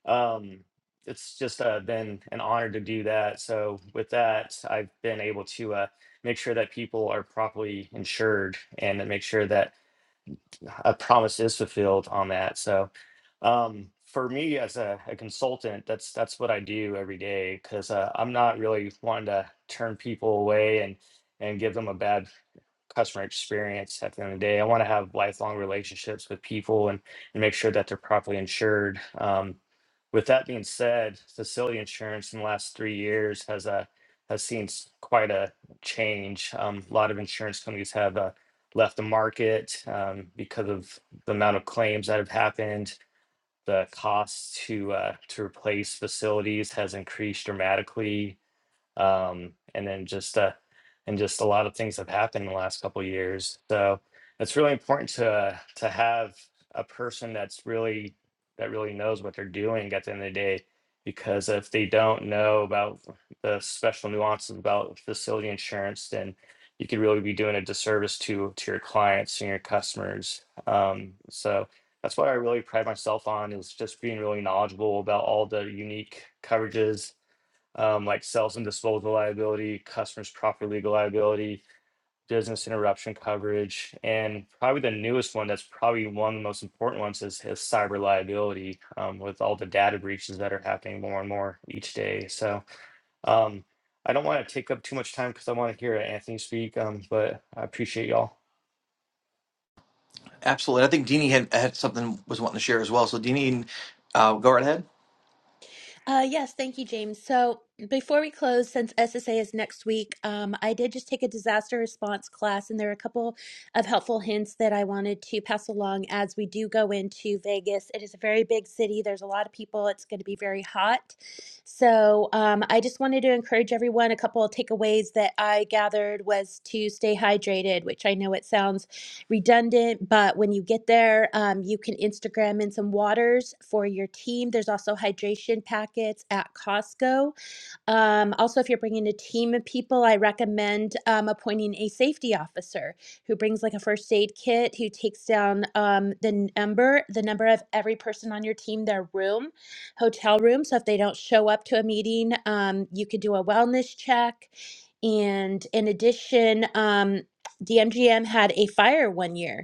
Speaker 10: um, it's just uh, been an honor to do that. So with that, I've been able to uh, make sure that people are properly insured and to make sure that a promise is fulfilled on that. So um, for me as a, a consultant, that's that's what I do every day because uh, I'm not really wanting to turn people away and and give them a bad customer experience at the end of the day. I want to have lifelong relationships with people and, and make sure that they're properly insured. Um, with that being said, Facility Insurance in the last three years has a has seen s- quite a change. Um, a lot of insurance companies have uh, left the market um, because of the amount of claims that have happened. The cost to uh, to replace facilities has increased dramatically um, and then just uh, and just a lot of things have happened in the last couple years. So it's really important to uh, to have a person that's really that really knows what they're doing at the end of the day, because if they don't know about the special nuances about facility insurance, then you could really be doing a disservice to to your clients and your customers. Um, so that's what I really pride myself on is just being really knowledgeable about all the unique coverages um, like sales and disposal liability, customers property legal liability, business interruption coverage, and probably the newest one that's probably one of the most important ones is, is cyber liability um, with all the data breaches that are happening more and more each day. So um, I don't want to take up too much time because I want to hear Anthony speak, um, but I appreciate y'all.
Speaker 1: Absolutely. I think Deanie had, had something was wanting to share as well. So Deanie, uh, go right ahead.
Speaker 4: Uh, yes, thank you, James. So before we close, since SSA is next week, um, I did just take a disaster response class, and there are a couple of helpful hints that I wanted to pass along as we do go into Vegas. It is a very big city, there's a lot of people, it's going to be very hot. So um, I just wanted to encourage everyone. A couple of takeaways that I gathered was to stay hydrated, which I know it sounds redundant, but when you get there, um, you can Instagram in some waters for your team. There's also hydration packets at Costco um, also, if you're bringing a team of people, I recommend um, appointing a safety officer who brings like a first aid kit, who takes down um, the number, the number of every person on your team, their room, hotel room. So if they don't show up to a meeting, um, you could do a wellness check. And in addition, um, DMGM had a fire one year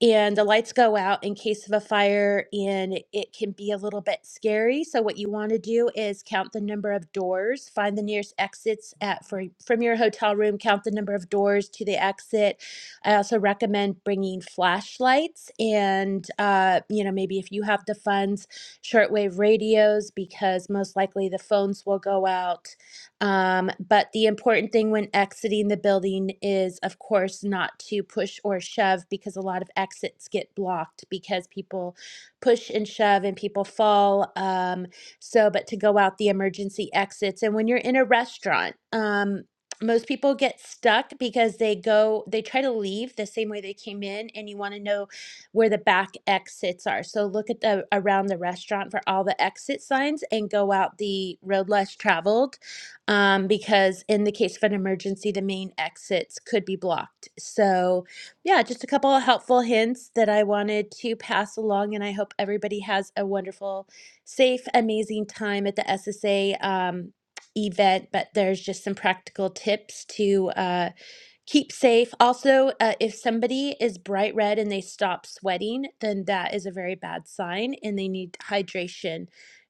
Speaker 4: and the lights go out in case of a fire and it can be a little bit scary so what you want to do is count the number of doors find the nearest exits at for, from your hotel room count the number of doors to the exit i also recommend bringing flashlights and uh, you know maybe if you have the funds shortwave radios because most likely the phones will go out um, but the important thing when exiting the building is, of course, not to push or shove because a lot of exits get blocked because people push and shove and people fall. Um, so, but to go out the emergency exits. And when you're in a restaurant, um, most people get stuck because they go, they try to leave the same way they came in, and you want to know where the back exits are. So look at the around the restaurant for all the exit signs and go out the road less traveled um, because in the case of an emergency, the main exits could be blocked. So, yeah, just a couple of helpful hints that I wanted to pass along, and I hope everybody has a wonderful, safe, amazing time at the SSA um, event. But there's just some practical tips to. Uh, keep safe. Also, uh, if somebody is bright red and they stop sweating, then that is a very bad sign and they need hydration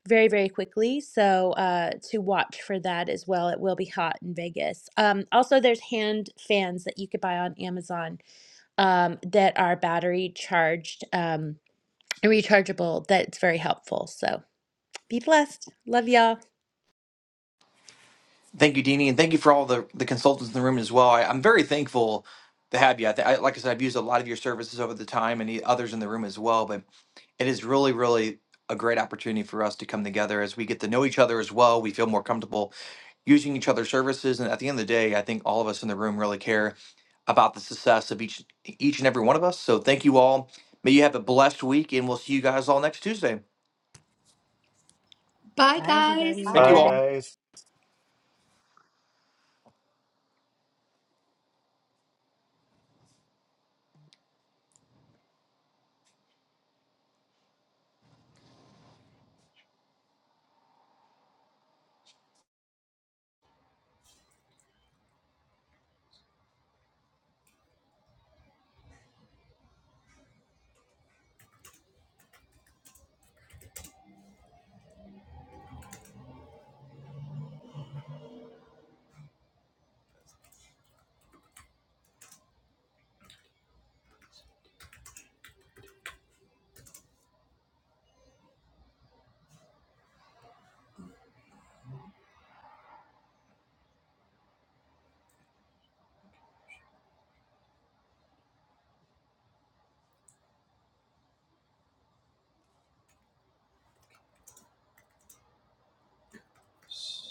Speaker 4: very, very quickly. So, uh, to watch for that as well. It will be hot in Vegas. Um, also, there's hand fans that you could buy on Amazon um, that are battery charged, um, rechargeable, that's very helpful. So, be blessed. Love y'all.
Speaker 1: Thank you, Deanie, and thank you for all the, the consultants in the room as well. I, I'm very thankful to have you. I, th- I, like I said, I've used a lot of your services over the time and the others in the room as well, but it is really, really a great opportunity for us to come together as we get to know each other as well. We feel more comfortable using each other's services. And at the end of the day, I think all of us in the room really care about the success of each each and every one of us. So thank you all. May you have a blessed week, and we'll see you guys all next Tuesday.
Speaker 6: Bye,
Speaker 1: Thank
Speaker 10: Hi
Speaker 1: you all.
Speaker 6: everybody.
Speaker 10: guys.